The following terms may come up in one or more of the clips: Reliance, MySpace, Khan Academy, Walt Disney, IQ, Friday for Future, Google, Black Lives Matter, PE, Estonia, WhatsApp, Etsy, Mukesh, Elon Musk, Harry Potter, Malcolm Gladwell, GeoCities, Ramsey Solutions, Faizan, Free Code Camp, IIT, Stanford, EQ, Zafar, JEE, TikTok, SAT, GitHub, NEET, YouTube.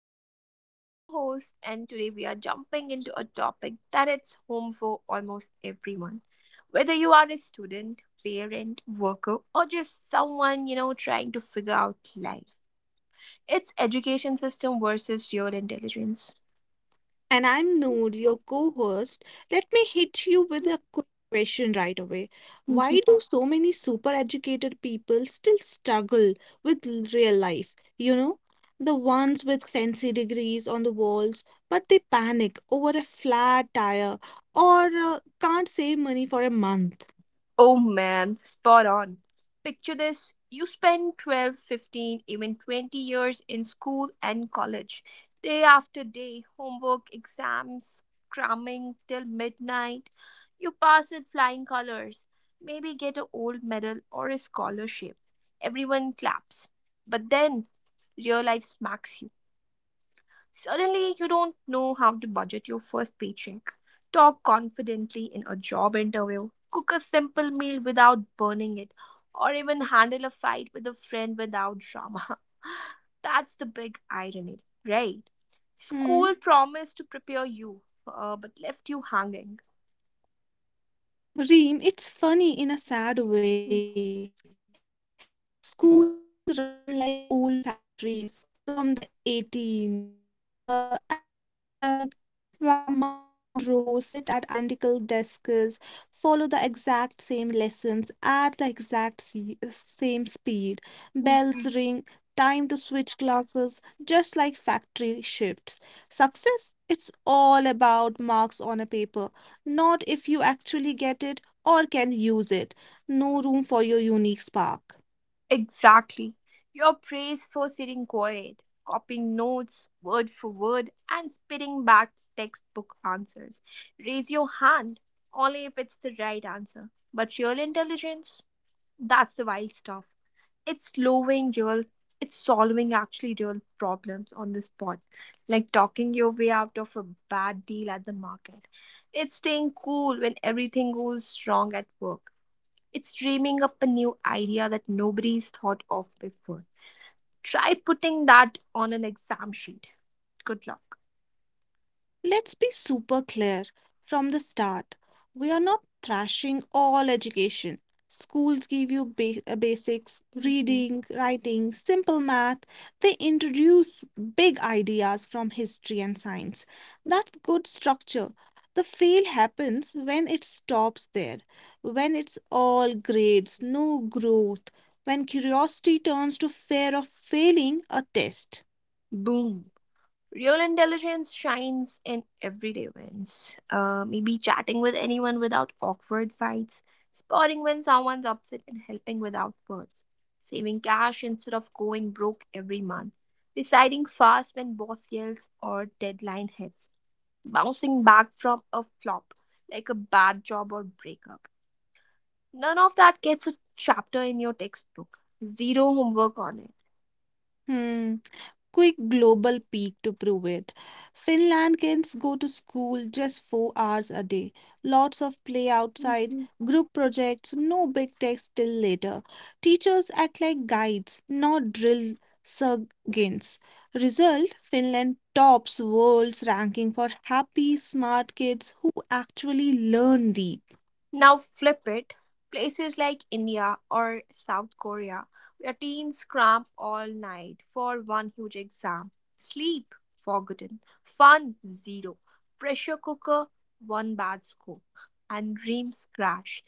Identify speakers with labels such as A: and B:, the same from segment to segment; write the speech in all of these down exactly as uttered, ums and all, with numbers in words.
A: podcast. I'm your host, and today we are jumping into a topic that it's home for almost everyone. Whether you are a student, parent, worker, or just someone, you know, trying to figure out life. It's education system versus real intelligence.
B: And I'm Noor, your co host. Let me hit you with a quick question right away. Why do so many super educated people still struggle with l- real life. You know, the ones with fancy degrees on the walls, but they panic over a flat tire or uh, can't save money for a month.
A: Oh man, spot on. Picture this: you spend twelve, fifteen, even twenty years in school and college. Day after day, homework, exams, cramming till midnight. You pass with flying colors, maybe get a gold medal or a scholarship. Everyone claps. But then real life smacks you. Suddenly, you don't know how to budget your first paycheck, talk confidently in a job interview, cook a simple meal without burning it, or even handle a fight with a friend without drama. That's the big irony, right?
B: Hmm.
A: School promised to prepare you, uh, but left you hanging.
B: Reem, it's funny in a sad way. Schools run like old factories from the 18s, uh, and uh, kids ma- march in rows, sit at identical desks, follow the exact same lessons at the exact se- same speed. Bells ring, time to switch classes, just like factory shifts. Success? It's all about marks on a paper, not if you actually get it or can use it. No room for your unique spark.
A: Exactly. You're praised for sitting quiet, copying notes word for word, and spitting back textbook answers. Raise your hand only if it's the right answer. But real intelligence, that's the wild stuff. It's solving real, it's solving actually real problems on the spot, like talking your way out of a bad deal at the market. It's staying cool when everything goes wrong at work. It's dreaming up a new idea that nobody's thought of before. Try putting that on an exam sheet. Good luck.
B: Let's be super clear from the start. We are not thrashing all education. Schools give you ba- uh, basics:
A: Mhm.
B: reading, writing, simple math. They introduce big ideas from history and science. That's good structure. The fail happens when it stops there, when it's all grades, no growth, when curiosity turns to fear of failing a test.
A: Boom. Real intelligence shines in everyday wins. Uh, maybe chatting with anyone without awkward fights, spotting when someone's upset, and helping without words. Saving cash instead of going broke every month. Deciding fast when boss yells or deadline hits. Bouncing back from a flop like a bad job or breakup. None of that gets a chapter in your textbook. Zero homework on it.
B: Hmm. Quick global peak to prove it. Finland kids go to school just four hours a day, lots of play outside,
A: Mhm.
B: group projects, no big text till later. Teachers act like guides, not drill sergeants. Result: Finland tops world's ranking for happy, smart kids who actually learn deep.
A: Now flip it. Places like India or South Korea, where teens cram all night for one huge exam. Sleep, forgotten. Fun, zero. Pressure cooker, one bad score. And dreams crash.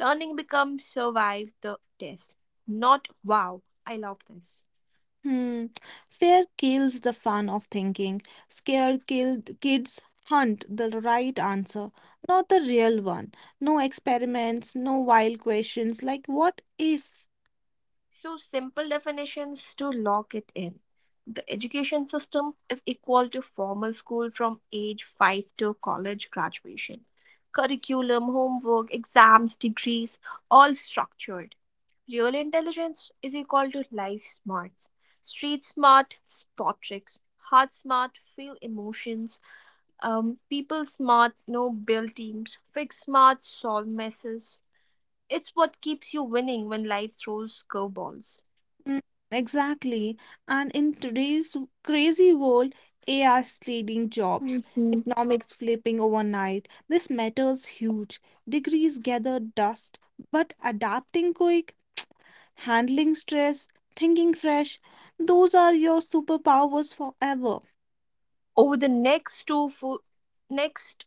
A: Learning becomes survive the test. Not wow, I love this.
B: Hmm. Fear kills the fun of thinking. Scared killed kids hunt the right answer, not the real one. No experiments, no wild questions like what if?
A: So, simple definitions to lock it in. The education system is equal to formal school from age five to college graduation. Curriculum, homework, exams, degrees, all structured. Real intelligence is equal to life smarts. Street smart, spot tricks. Heart smart, feel emotions. Um, people smart, know build teams. Fix smart, solve messes. It's what keeps you winning when life throws curveballs.
B: Mm, exactly. And in today's crazy world, A I is stealing jobs,
A: Mhm.
B: economics flipping overnight. This matters huge. Degrees gather dust, but adapting quick, handling stress, thinking fresh, those are your superpowers forever.
A: Over the next two fo- next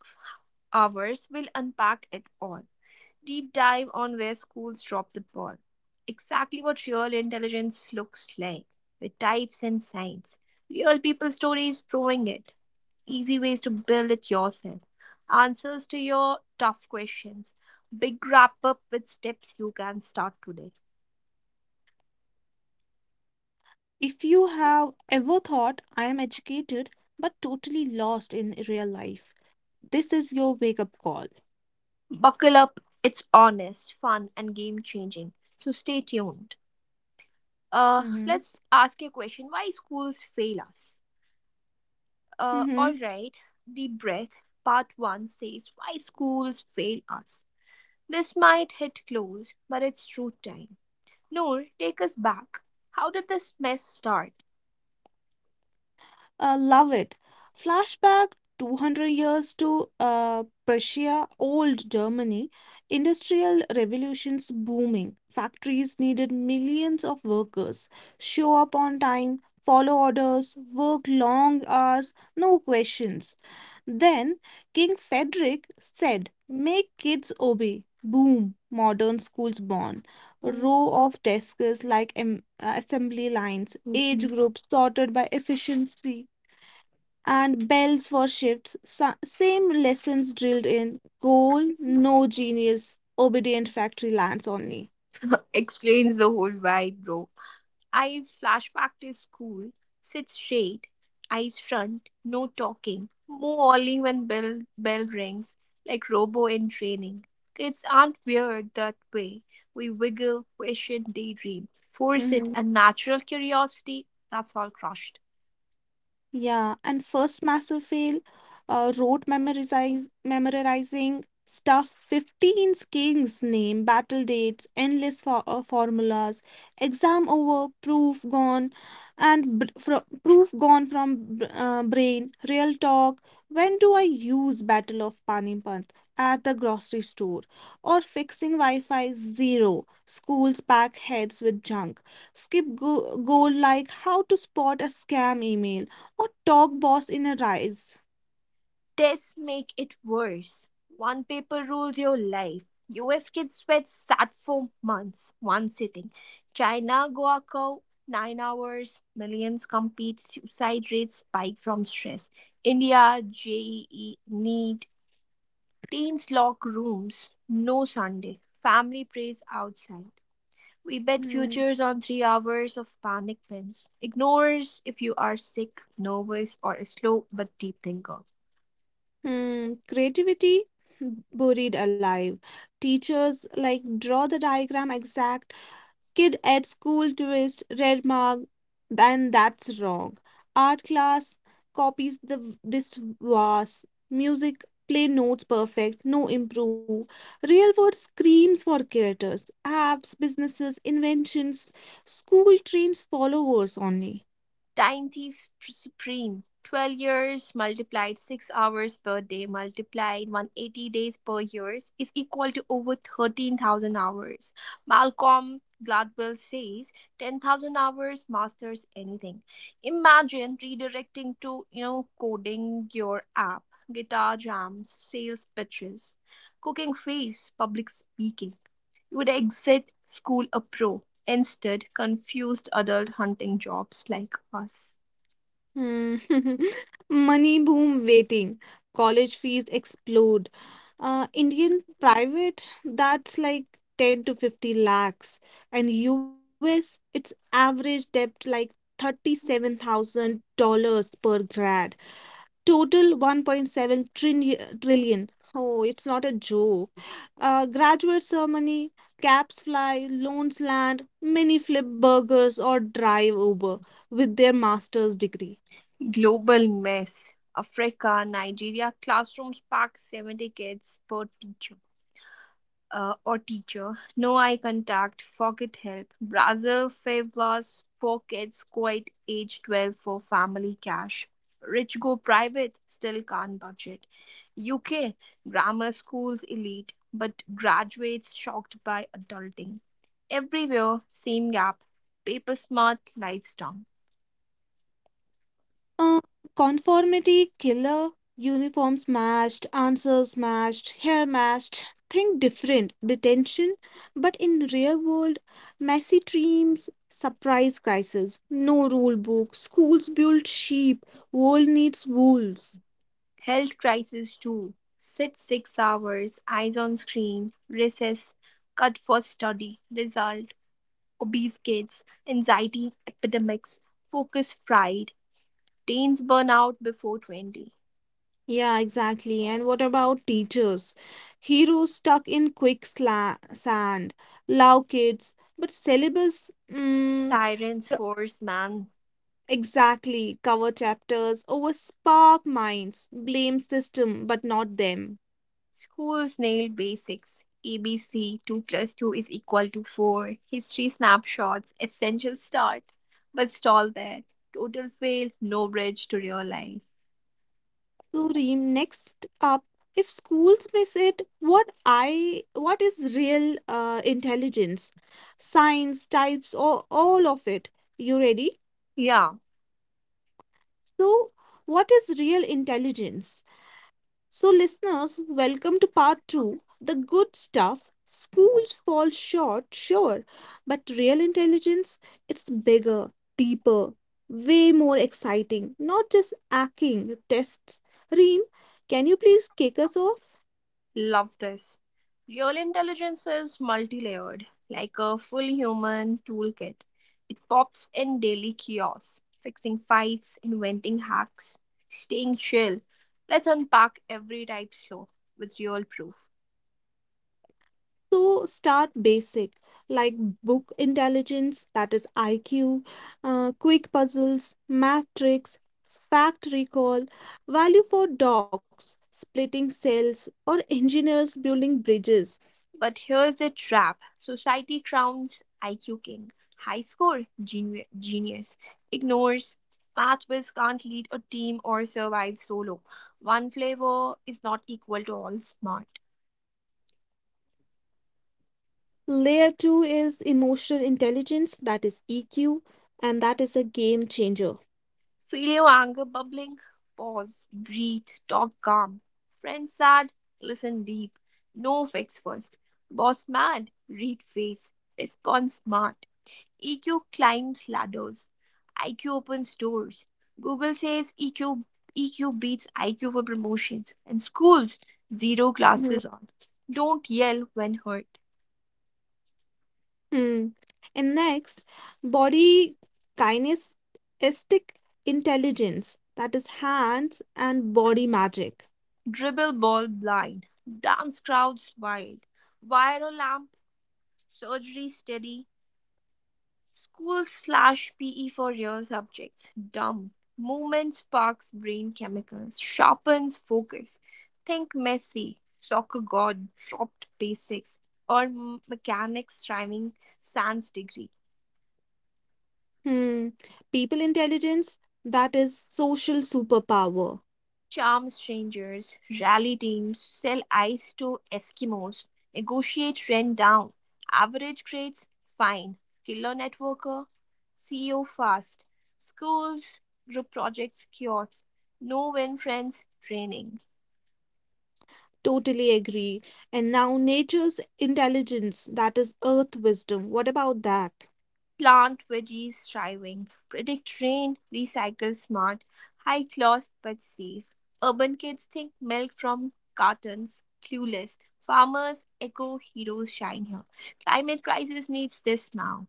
A: hours, we'll unpack it all. Deep dive on where schools drop the ball, exactly what real intelligence looks like, with types and signs, real people stories proving it, easy ways to build it yourself, answers to your tough questions, big wrap up with steps you can start today.
B: If you have ever thought, I am educated but totally lost in real life, this is your wake up call.
A: Buckle up, it's honest, fun, and game changing. So stay tuned.
B: Mm-hmm.
A: Uh, let's ask a question. Why schools fail us? Uh,
B: Mm-hmm.
A: all right. Deep breath. Part one says why schools fail us. This might hit close, but it's truth time. Noor, take us back. How did this mess start?
B: Uh, love it. Flashback two hundred years to uh, Prussia, old Germany, industrial revolutions booming. Factories needed millions of workers. Show up on time, follow orders, work long hours, no questions. Then King Frederick said, make kids obey. Boom, modern schools born, row of desks like em- uh, assembly lines, age groups sorted by efficiency, and bells for shifts. Sa- same lessons drilled in goal, no genius, obedient factory lands only.
A: Explains the whole vibe, bro. I flashback to school, sit straight, eyes front, no talking, move only when bell bell rings, like robo in training. Kids aren't weird that way. We wiggle, question, daydream, force it,
B: Mhm.
A: and natural curiosity, that's all crushed.
B: Yeah, and first massive fail, uh, rote memorize, memorizing stuff fifteen kings name, battle dates, endless for, uh, formulas, exam over, proof gone, and br fro proof gone from b- uh, brain, real talk. When do I use Battle of Panipat? At the grocery store, or fixing Wi-Fi? Zero. Schools pack heads with junk, skip go- goal like how to spot a scam email or talk boss in a rise.
A: Tests make it worse. One paper rules your life. U S kids sweat sat for months, one sitting. China, Guaco, nine hours. Millions compete. Suicide rates spike from stress. India, J E E, NEET. Teens lock rooms. No Sunday. Family prays outside. We bet
B: Hmm.
A: futures on three hours of panic pins. Ignores if you are sick, nervous, or a slow but deep thinker.
B: Hmm. Creativity buried alive. Teachers like draw the diagram exact. Kid at school twist red mark. Then that's wrong. Art class copies. The this was music, play notes perfect, no improve. Real world screams for creators, apps, businesses, inventions. School trains followers only.
A: Time Thief Supreme. twelve years multiplied six hours per day multiplied one hundred eighty days per year is equal to over thirteen thousand hours. Malcolm Gladwell says ten thousand hours masters anything. Imagine redirecting to, you know, coding your app, guitar jams, sales pitches, cooking face, public speaking. You would exit school a pro. Instead, confused adult hunting jobs like us.
B: Hmm. Money boom waiting. College fees explode. Uh, Indian private, that's like ten to fifty lakhs. And U S, it's average debt like thirty-seven thousand dollars per grad. Total one point seven trillion, trillion. Oh, it's not a joke. Uh, graduate ceremony, caps fly, loans land, many flip burgers or drive Uber with their master's degree.
A: Global mess. Africa, Nigeria, classrooms pack seventy kids per teacher, uh, or teacher. No eye contact, forget help. Brazil favors poor kids, quite age twelve for family cash. Rich go private, still can't budget. U K, grammar schools elite, but graduates shocked by adulting. Everywhere, same gap. Paper smart, lights down.
B: Uh, conformity killer, uniforms matched, answers matched, hair matched. Think different, detention, but in real world, messy dreams, surprise crisis, no rule book, schools build sheep, world needs wolves.
A: Health crisis too. Sit six hours, eyes on screen, recess, cut for study, result, obese kids, anxiety epidemics, focus fried, teens burn out before twenty.
B: Yeah, exactly. And what about teachers? Heroes stuck in quick sla- sand, love kids, but syllabus, mm,
A: Tyrants force man.
B: exactly. Cover chapters over spark minds, blame system, but not them.
A: Schools nail basics. A B C, two plus two is equal to four. History snapshots, essential start, but stall there. Total fail, no bridge to real life.
B: So, Reem, next up, if schools miss it, what I what is real uh, intelligence? Science, types, or all of it. You ready?
A: Yeah,
B: So, what is real intelligence? So, listeners, welcome to part two, the good stuff. Schools fall short, sure, but real intelligence, it's bigger, deeper, way more exciting, not just acting tests. Reem, can you please kick us off?
A: love this. Real intelligence is multi layered, like a full human toolkit. It pops in daily chaos, fixing fights, inventing hacks, staying chill. Let's unpack every type slow with real proof.
B: So start basic, like book intelligence, that is I Q, uh, quick puzzles, math tricks, fact recall, value for dogs, splitting cells, or engineers building bridges.
A: But here's the trap: society crowns I Q king, high score, genu- genius, ignores math whiz can't lead a team or survive solo. One flavor is not equal to all smart.
B: Layer two is emotional intelligence, that is E Q, and that is a game changer.
A: Feel your anger bubbling? Pause, breathe, talk calm. Friend sad? Listen deep. No fix first. Boss mad? Read face. Respond smart. E Q climbs ladders. I Q opens doors. Google says EQ, E Q beats I Q for promotions. And schools, zero
B: Mhm.
A: classes on. Don't yell when hurt.
B: Hmm. And next, body kinesthetic intelligence, that is hands and body magic.
A: Dribble ball blind. Dance crowds wild. Viral lamp, surgery steady. School slash P E for real subjects. Dumb. Movement sparks brain chemicals, sharpens focus. Think Messi, soccer god, dropped basics, or mechanics rhyming sans degree.
B: Hmm. People intelligence, that is social superpower.
A: Charm strangers, rally teams, sell ice to Eskimos, negotiate rent down, average grades, fine, killer networker, C E O fast, schools, group projects, cures, no win friends, training.
B: Totally agree. And now nature's intelligence, that is earth wisdom. What about that?
A: Plant veggies thriving. Predict rain, recycle smart. High cost but safe. Urban kids think milk from cartons. Clueless. Farmers, eco heroes shine here. Climate crisis needs this now.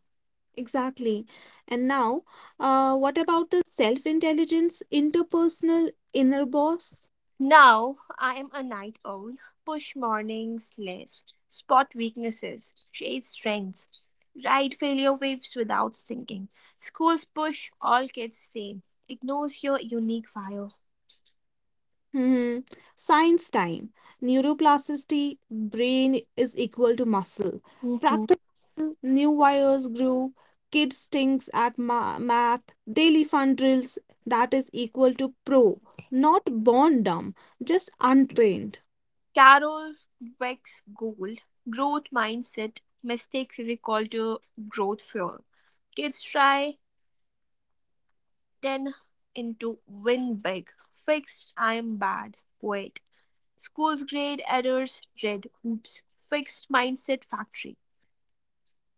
B: Exactly. And now, uh, what about the self-intelligence, interpersonal inner boss?
A: Now I am a night owl. Push mornings less. Spot weaknesses. Chase strengths. Ride failure waves without sinking. Schools push all kids same. Ignores your unique fire.
B: Mhm. Science time. Neuroplasticity, brain is equal to muscle.
A: Mhm.
B: Practice, new wires grew, kids stinks at ma- math, daily fun drills, that is equal to pro. Not born dumb, just untrained.
A: Carol Dweck's goal, growth mindset, mistakes is equal to growth fuel. Kids try ten into win big, fixed I am bad. Wait. School's grade errors, red, oops, fixed mindset factory.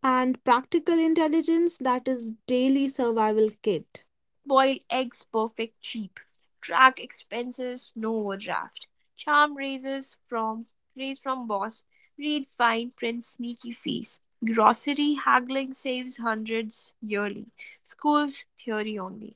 B: And practical intelligence, that is daily survival kit.
A: Boiled eggs perfect cheap. Track expenses, no overdraft. Charm raises from raise from boss. Read fine print sneaky fees. Grocery haggling saves hundreds yearly. School's theory only.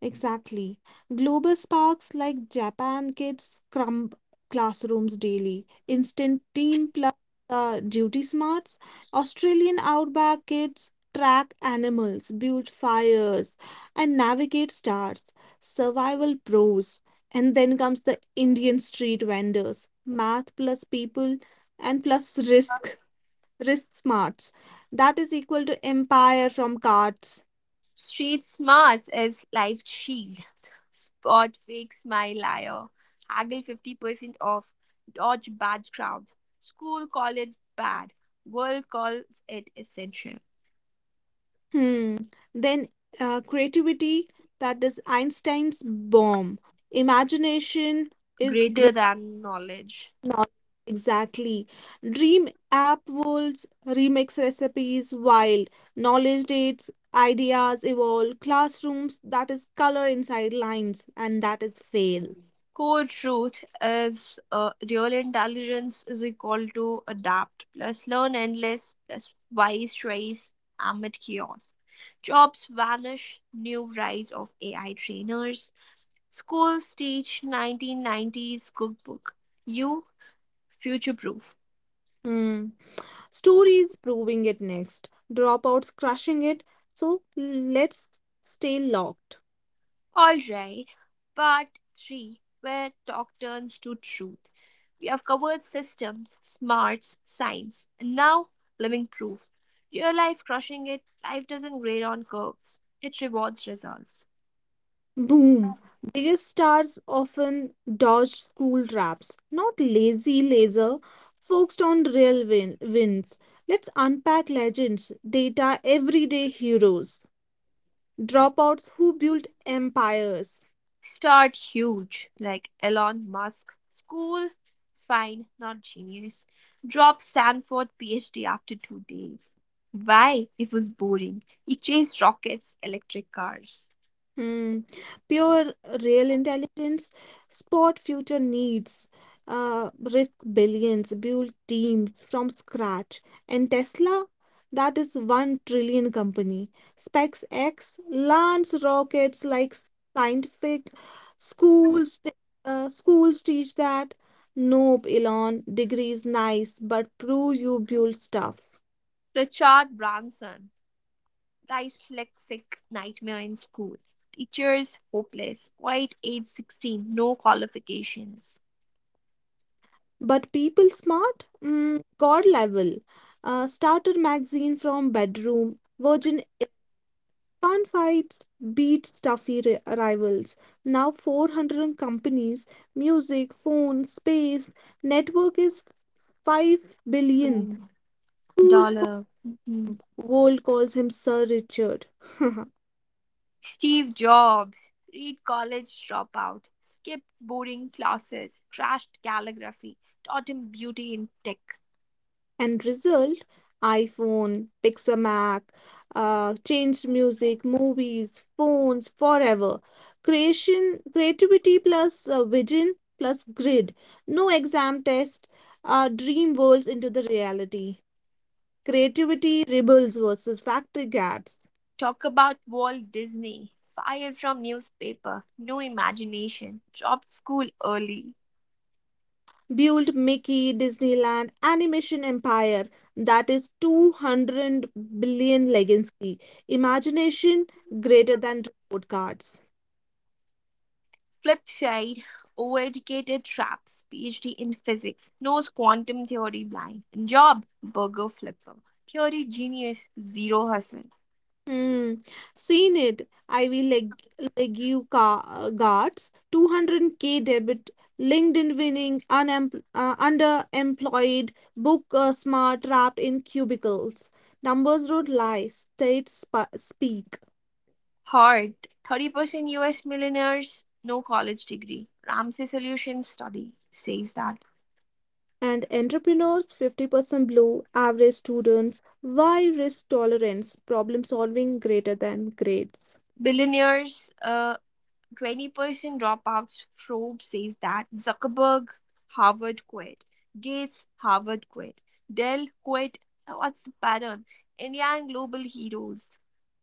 B: Exactly. Global sparks like Japan kids scrum classrooms daily, instant team plus uh, duty smarts. Australian outback kids track animals, build fires, and navigate stars. Survival pros. And then comes the Indian street vendors, math plus people and plus risk, risk smarts. That is equal to empire from cards.
A: Street smarts is life's shield. Spot fake smile liar. Haggle fifty percent off. Dodge bad crowds. School call it bad. World calls it essential.
B: Hmm. Then uh, creativity, that is Einstein's bomb. Imagination is
A: Greater
B: great
A: than knowledge.
B: knowledge. Exactly. Dream app worlds, remix recipes, wild. Knowledge dates, ideas evolve. Classrooms, that is color inside lines, and that is fail.
A: Core truth is uh, real intelligence is equal to adapt plus learn endless plus wise choice amid chaos. Jobs vanish, new rise of A I trainers. Schools teach nineteen nineties cookbook. You future proof.
B: Hmm. Stories proving it next. Dropouts crushing it. So let's stay locked.
A: All right, part three, where talk turns to truth. We have covered systems, smarts, science, and now living proof. Real life crushing it, life doesn't grade on curves, it rewards results.
B: Boom. Biggest stars often dodged school traps, not lazy laser, focused on real win- wins. Let's unpack legends, data, everyday heroes, dropouts who built empires.
A: Start huge, like Elon Musk. School, fine, not genius. Drop Stanford PhD after two days. Why? It was boring. He chased rockets, electric cars.
B: Hmm. Pure real intelligence, spot future needs, uh, risk billions, build teams from scratch. And Tesla, that is one trillion company. SpaceX launch rockets like scientific schools. t- Uh, schools teach that. Nope, Elon, degrees nice, but prove you build stuff.
A: Richard Branson. Dyslexic nightmare in school. Teachers hopeless. Quiet age sixteen, no qualifications.
B: But people smart, mm, god level. Uh, starter magazine from bedroom, virgin fan fights beat stuffy ri- rivals. Now four hundred companies, music, phone, space, network is five billion.
A: Billion
B: Schools call,
A: dollar. Mhm.
B: world calls him Sir Richard.
A: Steve Jobs. Read college dropout. Skipped boring classes. Trashed calligraphy. Taught him beauty in tech.
B: And result, iPhone, Pixamac, uh, changed music, movies, phones forever. Creation, creativity plus uh, vision plus grid, no exam test, uh, dream worlds into the reality. Creativity rebels versus factory cats.
A: Talk about Walt Disney. Fired from newspaper, no imagination, dropped school early.
B: Build Mickey, Disneyland, animation empire, that is two hundred billion legacy. Imagination greater than report cards.
A: Flip side, overeducated traps, PhD in physics, knows quantum theory blind. Job, burger flipper. Theory genius, zero hustle.
B: Hmm. Seen it. I will leg legue ca- guards two hundred k debit, LinkedIn winning, unemp uh, underemployed, book uh, smart, trapped in cubicles. Numbers don't lie, states sp speak.
A: Heart, thirty percent U S millionaires, no college degree. Ramsey Solutions study says that
B: And entrepreneurs fifty percent blue, average students. Why? Risk tolerance? Problem solving greater than grades.
A: billionaires, uh, twenty percent dropouts probe says that Zuckerberg, Harvard quit. Gates, Harvard quit. Dell quit. What's the pattern? Indian global heroes.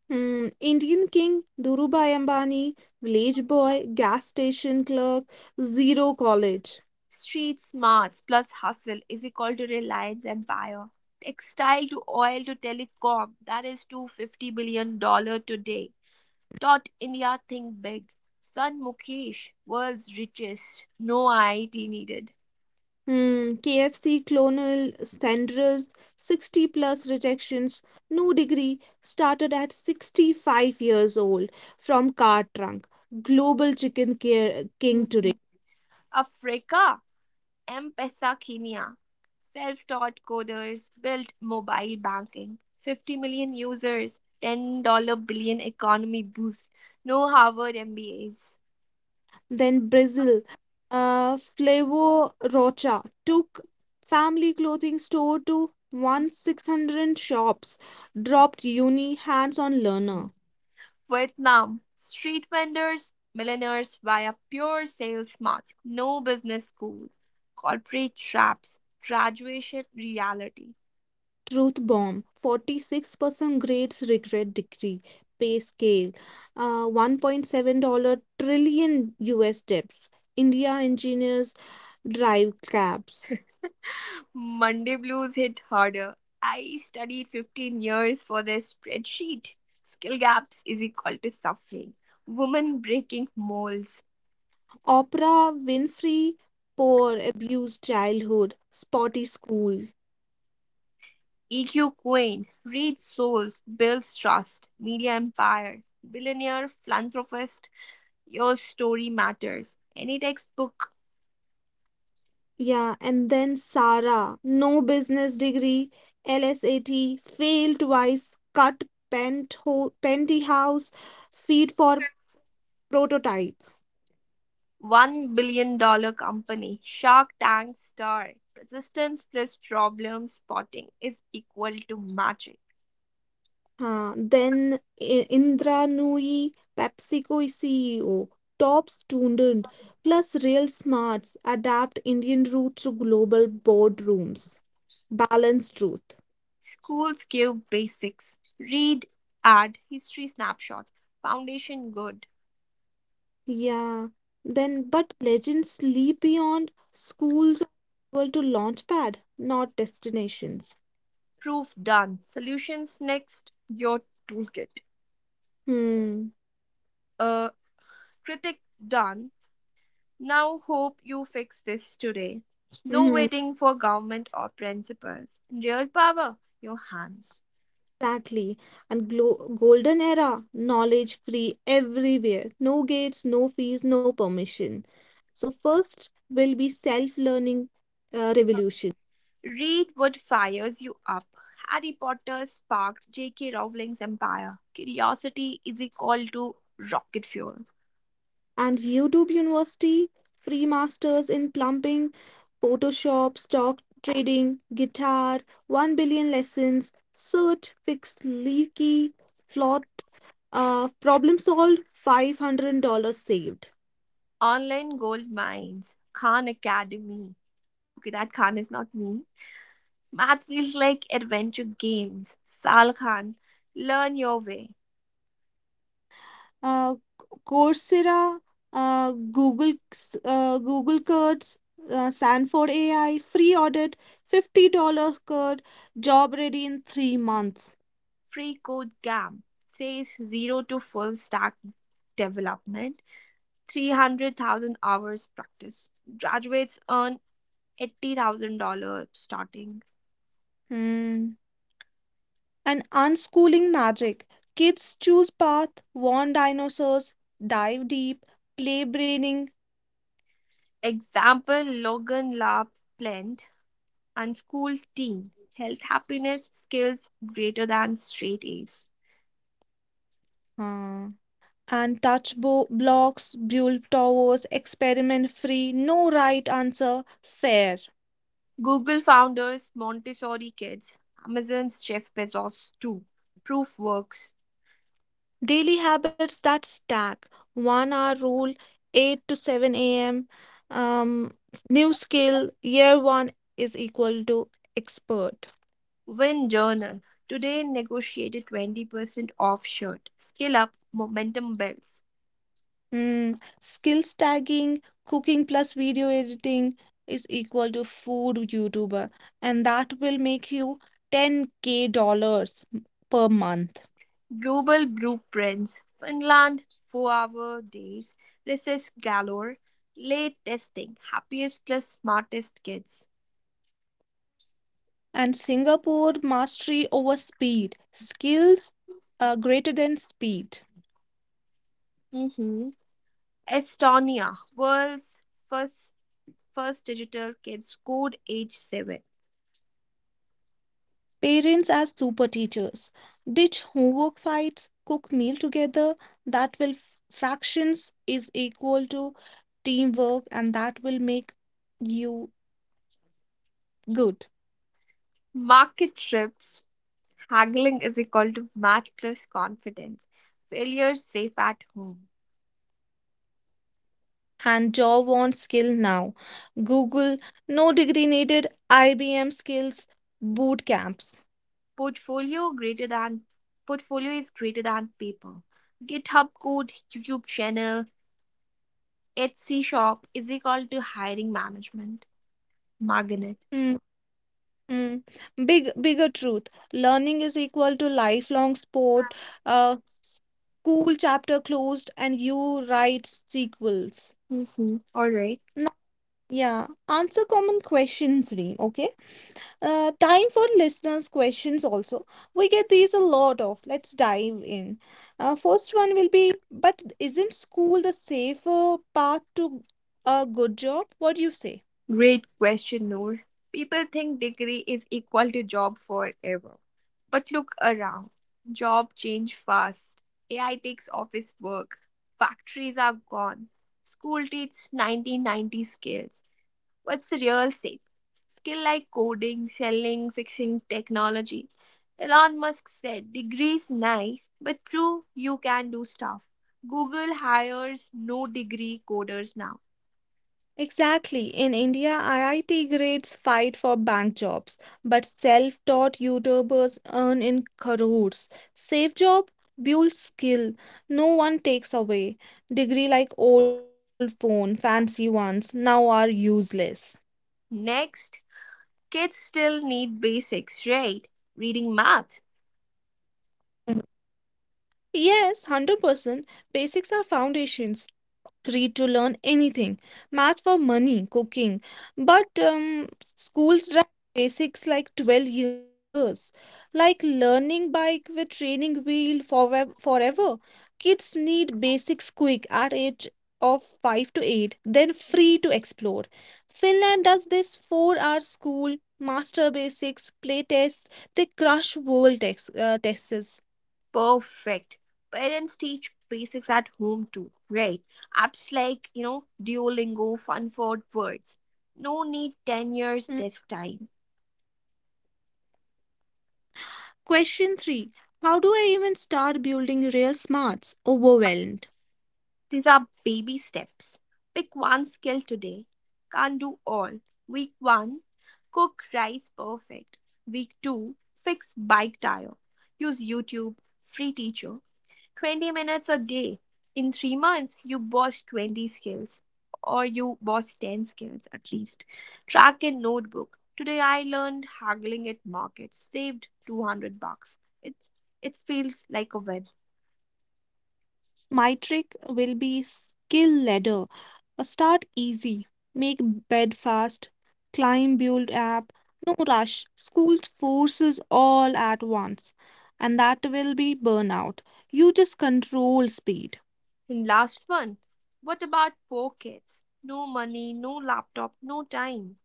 B: Hmm, Indian King, Dhirubhai Ambani, village boy, gas station clerk, zero college.
A: Street smarts plus hustle is equal to Reliance Empire. Textile to oil to telecom, that is $250 billion dollars today. Taught India think big. Son Mukesh, world's richest. No I I T needed.
B: Hmm, K F C Clonal, Sanders, sixty plus rejections, no degree, started at sixty-five years old from car trunk. Global Chicken care, King
A: Hmm.
B: today.
A: Africa M-Pesa self taught coders built mobile banking, fifty million users, ten billion billion economy boost, no Harvard M B As.
B: Then Brazil, uh, Flavor Rocha took family clothing store to one six hundred shops, dropped uni hands-on learner.
A: Vietnam, street vendors, millionaires via pure sales smarts, no business school, corporate traps, graduation reality.
B: Truth bomb, forty-six percent grades regret decree, pay scale, uh, one point seven dollar trillion U S debts. India engineers drive cabs.
A: Monday blues hit harder. I studied fifteen years for this spreadsheet. Skill gaps is equal to suffering. Woman breaking molds.
B: Oprah Winfrey, poor abused childhood, spotty school.
A: E Q Queen. Reads souls. Builds trust. Media empire. Billionaire philanthropist. Your story matters. Any textbook.
B: Yeah, and then Sara, no business degree, LSAT, failed twice, cut pentho- penthouse, feed for prototype.
A: one billion dollars dollar company. Shark Tank star. Persistence plus problem spotting is equal to magic.
B: Huh. Then I- Indra Nooyi, PepsiCo C E O, top student, plus real smarts, adapt Indian roots to global boardrooms. Balanced truth.
A: Schools give basics, read, add, history snapshot, foundation good,
B: Yeah, then but legends leap beyond schools are equal to launchpad, not destinations.
A: proof done, solutions next, your toolkit.
B: Hmm.
A: A critic done. Now hope you fix this today. No
B: Hmm.
A: waiting for government or principals. Real power, your hands.
B: Exactly. And glo golden era, knowledge free everywhere. No gates, no fees, no permission. So first will be self-learning uh, revolution.
A: Read what fires you up. Harry Potter sparked J K. Rowling's empire. Curiosity is equal to rocket fuel.
B: And YouTube University, free masters in plumbing, Photoshop, stock trading, guitar, one billion lessons, cert, fix leaky, flot, uh, problem solved, five hundred dollars saved.
A: Online gold mines, Khan Academy. Okay, that Khan is not me. Math feels like adventure games. Sal Khan, learn your way.
B: Uh, Coursera, uh, Google, s- uh, Google Curds, uh, Sanford A I, free audit, fifty dollars card, job ready in three months.
A: Free code camp says zero to full stack development, three hundred thousand hours practice. Graduates earn eighty thousand dollars starting.
B: Hmm. And unschooling magic. Kids choose path, warn dinosaurs, dive deep, play braining,
A: Example Logan La Plant and school's team. Health, happiness, skills greater than straight A's.
B: uh, and touch bo- blocks, build towers, experiment free, no right answer, fair.
A: Google founders, Montessori kids, Amazon's Jeff Bezos, too. Proofworks,
B: Daily habits that stack, one hour rule, eight to seven a m. Um, new skill, year one is equal to expert.
A: Win Journal, today negotiated twenty percent off shirt. Skill up, momentum belts.
B: Mm, skills tagging, cooking plus video editing is equal to food YouTuber, and that will make you ten k dollars per month.
A: Global blueprints, Finland, four hour days, recess galore, late testing, happiest plus smartest kids.
B: And Singapore mastery over speed, skills are greater than speed.
A: Hmm. Estonia, world's first, first digital kids code age seven.
B: Parents as super teachers, ditch homework fights, cook meal together. That will f- fractions is equal to teamwork, and that will make you good.
A: Market trips, haggling is equal to match plus confidence. Failure safe at home.
B: And job on skill now. Google, no degree needed, I B M skills, boot camps.
A: Portfolio greater than Portfolio is greater than paper. GitHub code, YouTube channel, Etsy shop is equal to hiring management. Magnet.
B: Hmm, hmm. Big, bigger truth. Learning is equal to lifelong sport. Uh, school chapter closed, and you write sequels.
A: Mm-hmm. All right.
B: Now, yeah, answer common questions, Reem. Okay. Uh, time for listeners' questions also. We get these a lot of. Let's dive in. Uh, first one will be, but isn't school the safer path to a good job? What do you say?
A: Great question, Noor. People think degree is equal to job forever. But look around. Job change fast. A I takes office work. Factories are gone. School teach nineteen ninety skills. What's the real safe? Skill like coding, selling, fixing technology. Elon Musk said, degrees nice, but true, you can do stuff. Google hires no degree coders now.
B: Exactly. In India, I I T grades fight for bank jobs, but self-taught YouTubers earn in crores. Safe job, build skill. No one takes away. Degree like old phone, fancy ones, now are useless.
A: Next, kids still need basics, right? Reading, math.
B: Yes, one hundred percent. Basics are foundations. Read to learn anything. Math for money, cooking. But um, schools drag basics like twelve years. Like learning bike with training wheel forever. forever. Kids need basics quick at age of five to eight, then free to explore. Finland does this four-hour school, master basics, play tests. They crush world tex- uh, tests.
A: Perfect. Parents teach basics at home too, right? Apps like, you know, Duolingo, fun for Words. No need ten years desk time.
B: Question three: how do I even start building real smarts? Overwhelmed.
A: These are baby steps. Pick one skill today. Can't do all. Week one, cook rice perfect. Week two, fix bike tire. Use YouTube, free teacher. twenty minutes a day. In three months, you boss twenty skills or you boss ten skills at least. Track in notebook. Today I learned haggling at market, saved two hundred bucks. It, it feels like a win.
B: My trick will be skill ladder. Uh, Start easy, make bed fast, climb build app. No rush. School forces all at once, and that will be burnout. You just control speed.
A: And last one, what about poor kids? No money, no laptop, no time.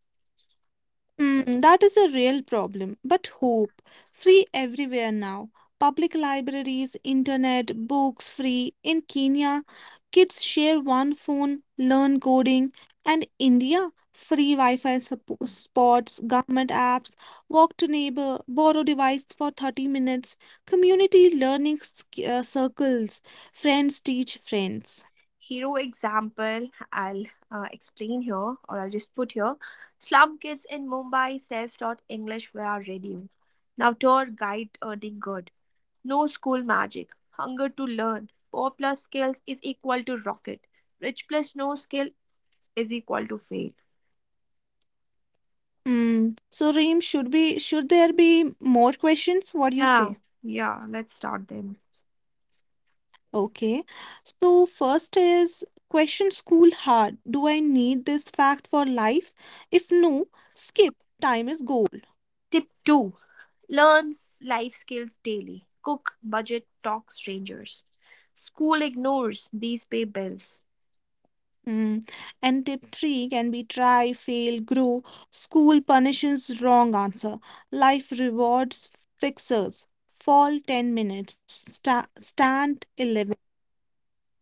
B: Hmm, that is a real problem. But hope, free everywhere now. Public libraries, internet, books free. In Kenya, kids share one phone, learn coding. And India, free Wi Fi suppo- spots, government apps, walk to neighbor, borrow device for thirty minutes, community learning sc- uh, circles, friends teach friends.
A: Hero example, I'll uh, explain here or I'll just put here. Slum kids in Mumbai self taught English via radio. Now tour guide earning good. No school magic. Hunger to learn. Poor plus skills is equal to rocket. Rich plus no skill is equal to fail.
B: Hmm. So, Reem, should be should there be more questions? What do you
A: Yeah,
B: say?
A: yeah, let's start then.
B: Okay. So first is question: school hard. Do I need this fact for life? If no, skip. Time is gold.
A: Tip two, learn f- life skills daily. Cook, budget, talk strangers. School ignores these pay bills.
B: Hmm. And tip three can be try, fail, grow. School punishes wrong answer. Life rewards fixers. Fall ten minutes. Sta stand eleven.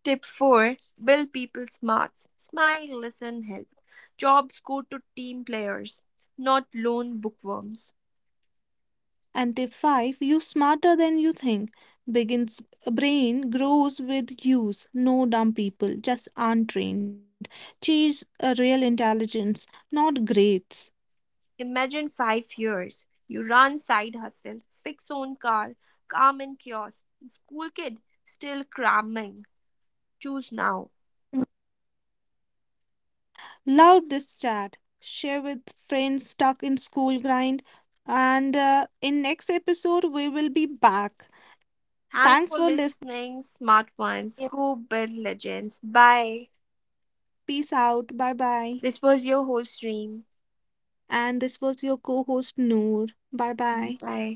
A: Tip four, build people smarts. Smile, listen, help. Jobs go to team players, not lone bookworms.
B: And tip five: you smarter than you think. Begins brain grows with use. No dumb people, just untrained. Chase a real intelligence, not grades.
A: Imagine five years. You run side hustle, fix own car, calm in chaos. School kid, still cramming. Choose now.
B: Love this chat. Share with friends stuck in school grind. And uh, in next episode, we will be back.
A: Thanks
B: Thanks
A: for
B: for listening.
A: listening, smart ones. Go build legends. Bye.
B: Peace out. Bye bye.
A: This was your whole stream.
B: And this was your co host, Noor. Bye bye.
A: Bye.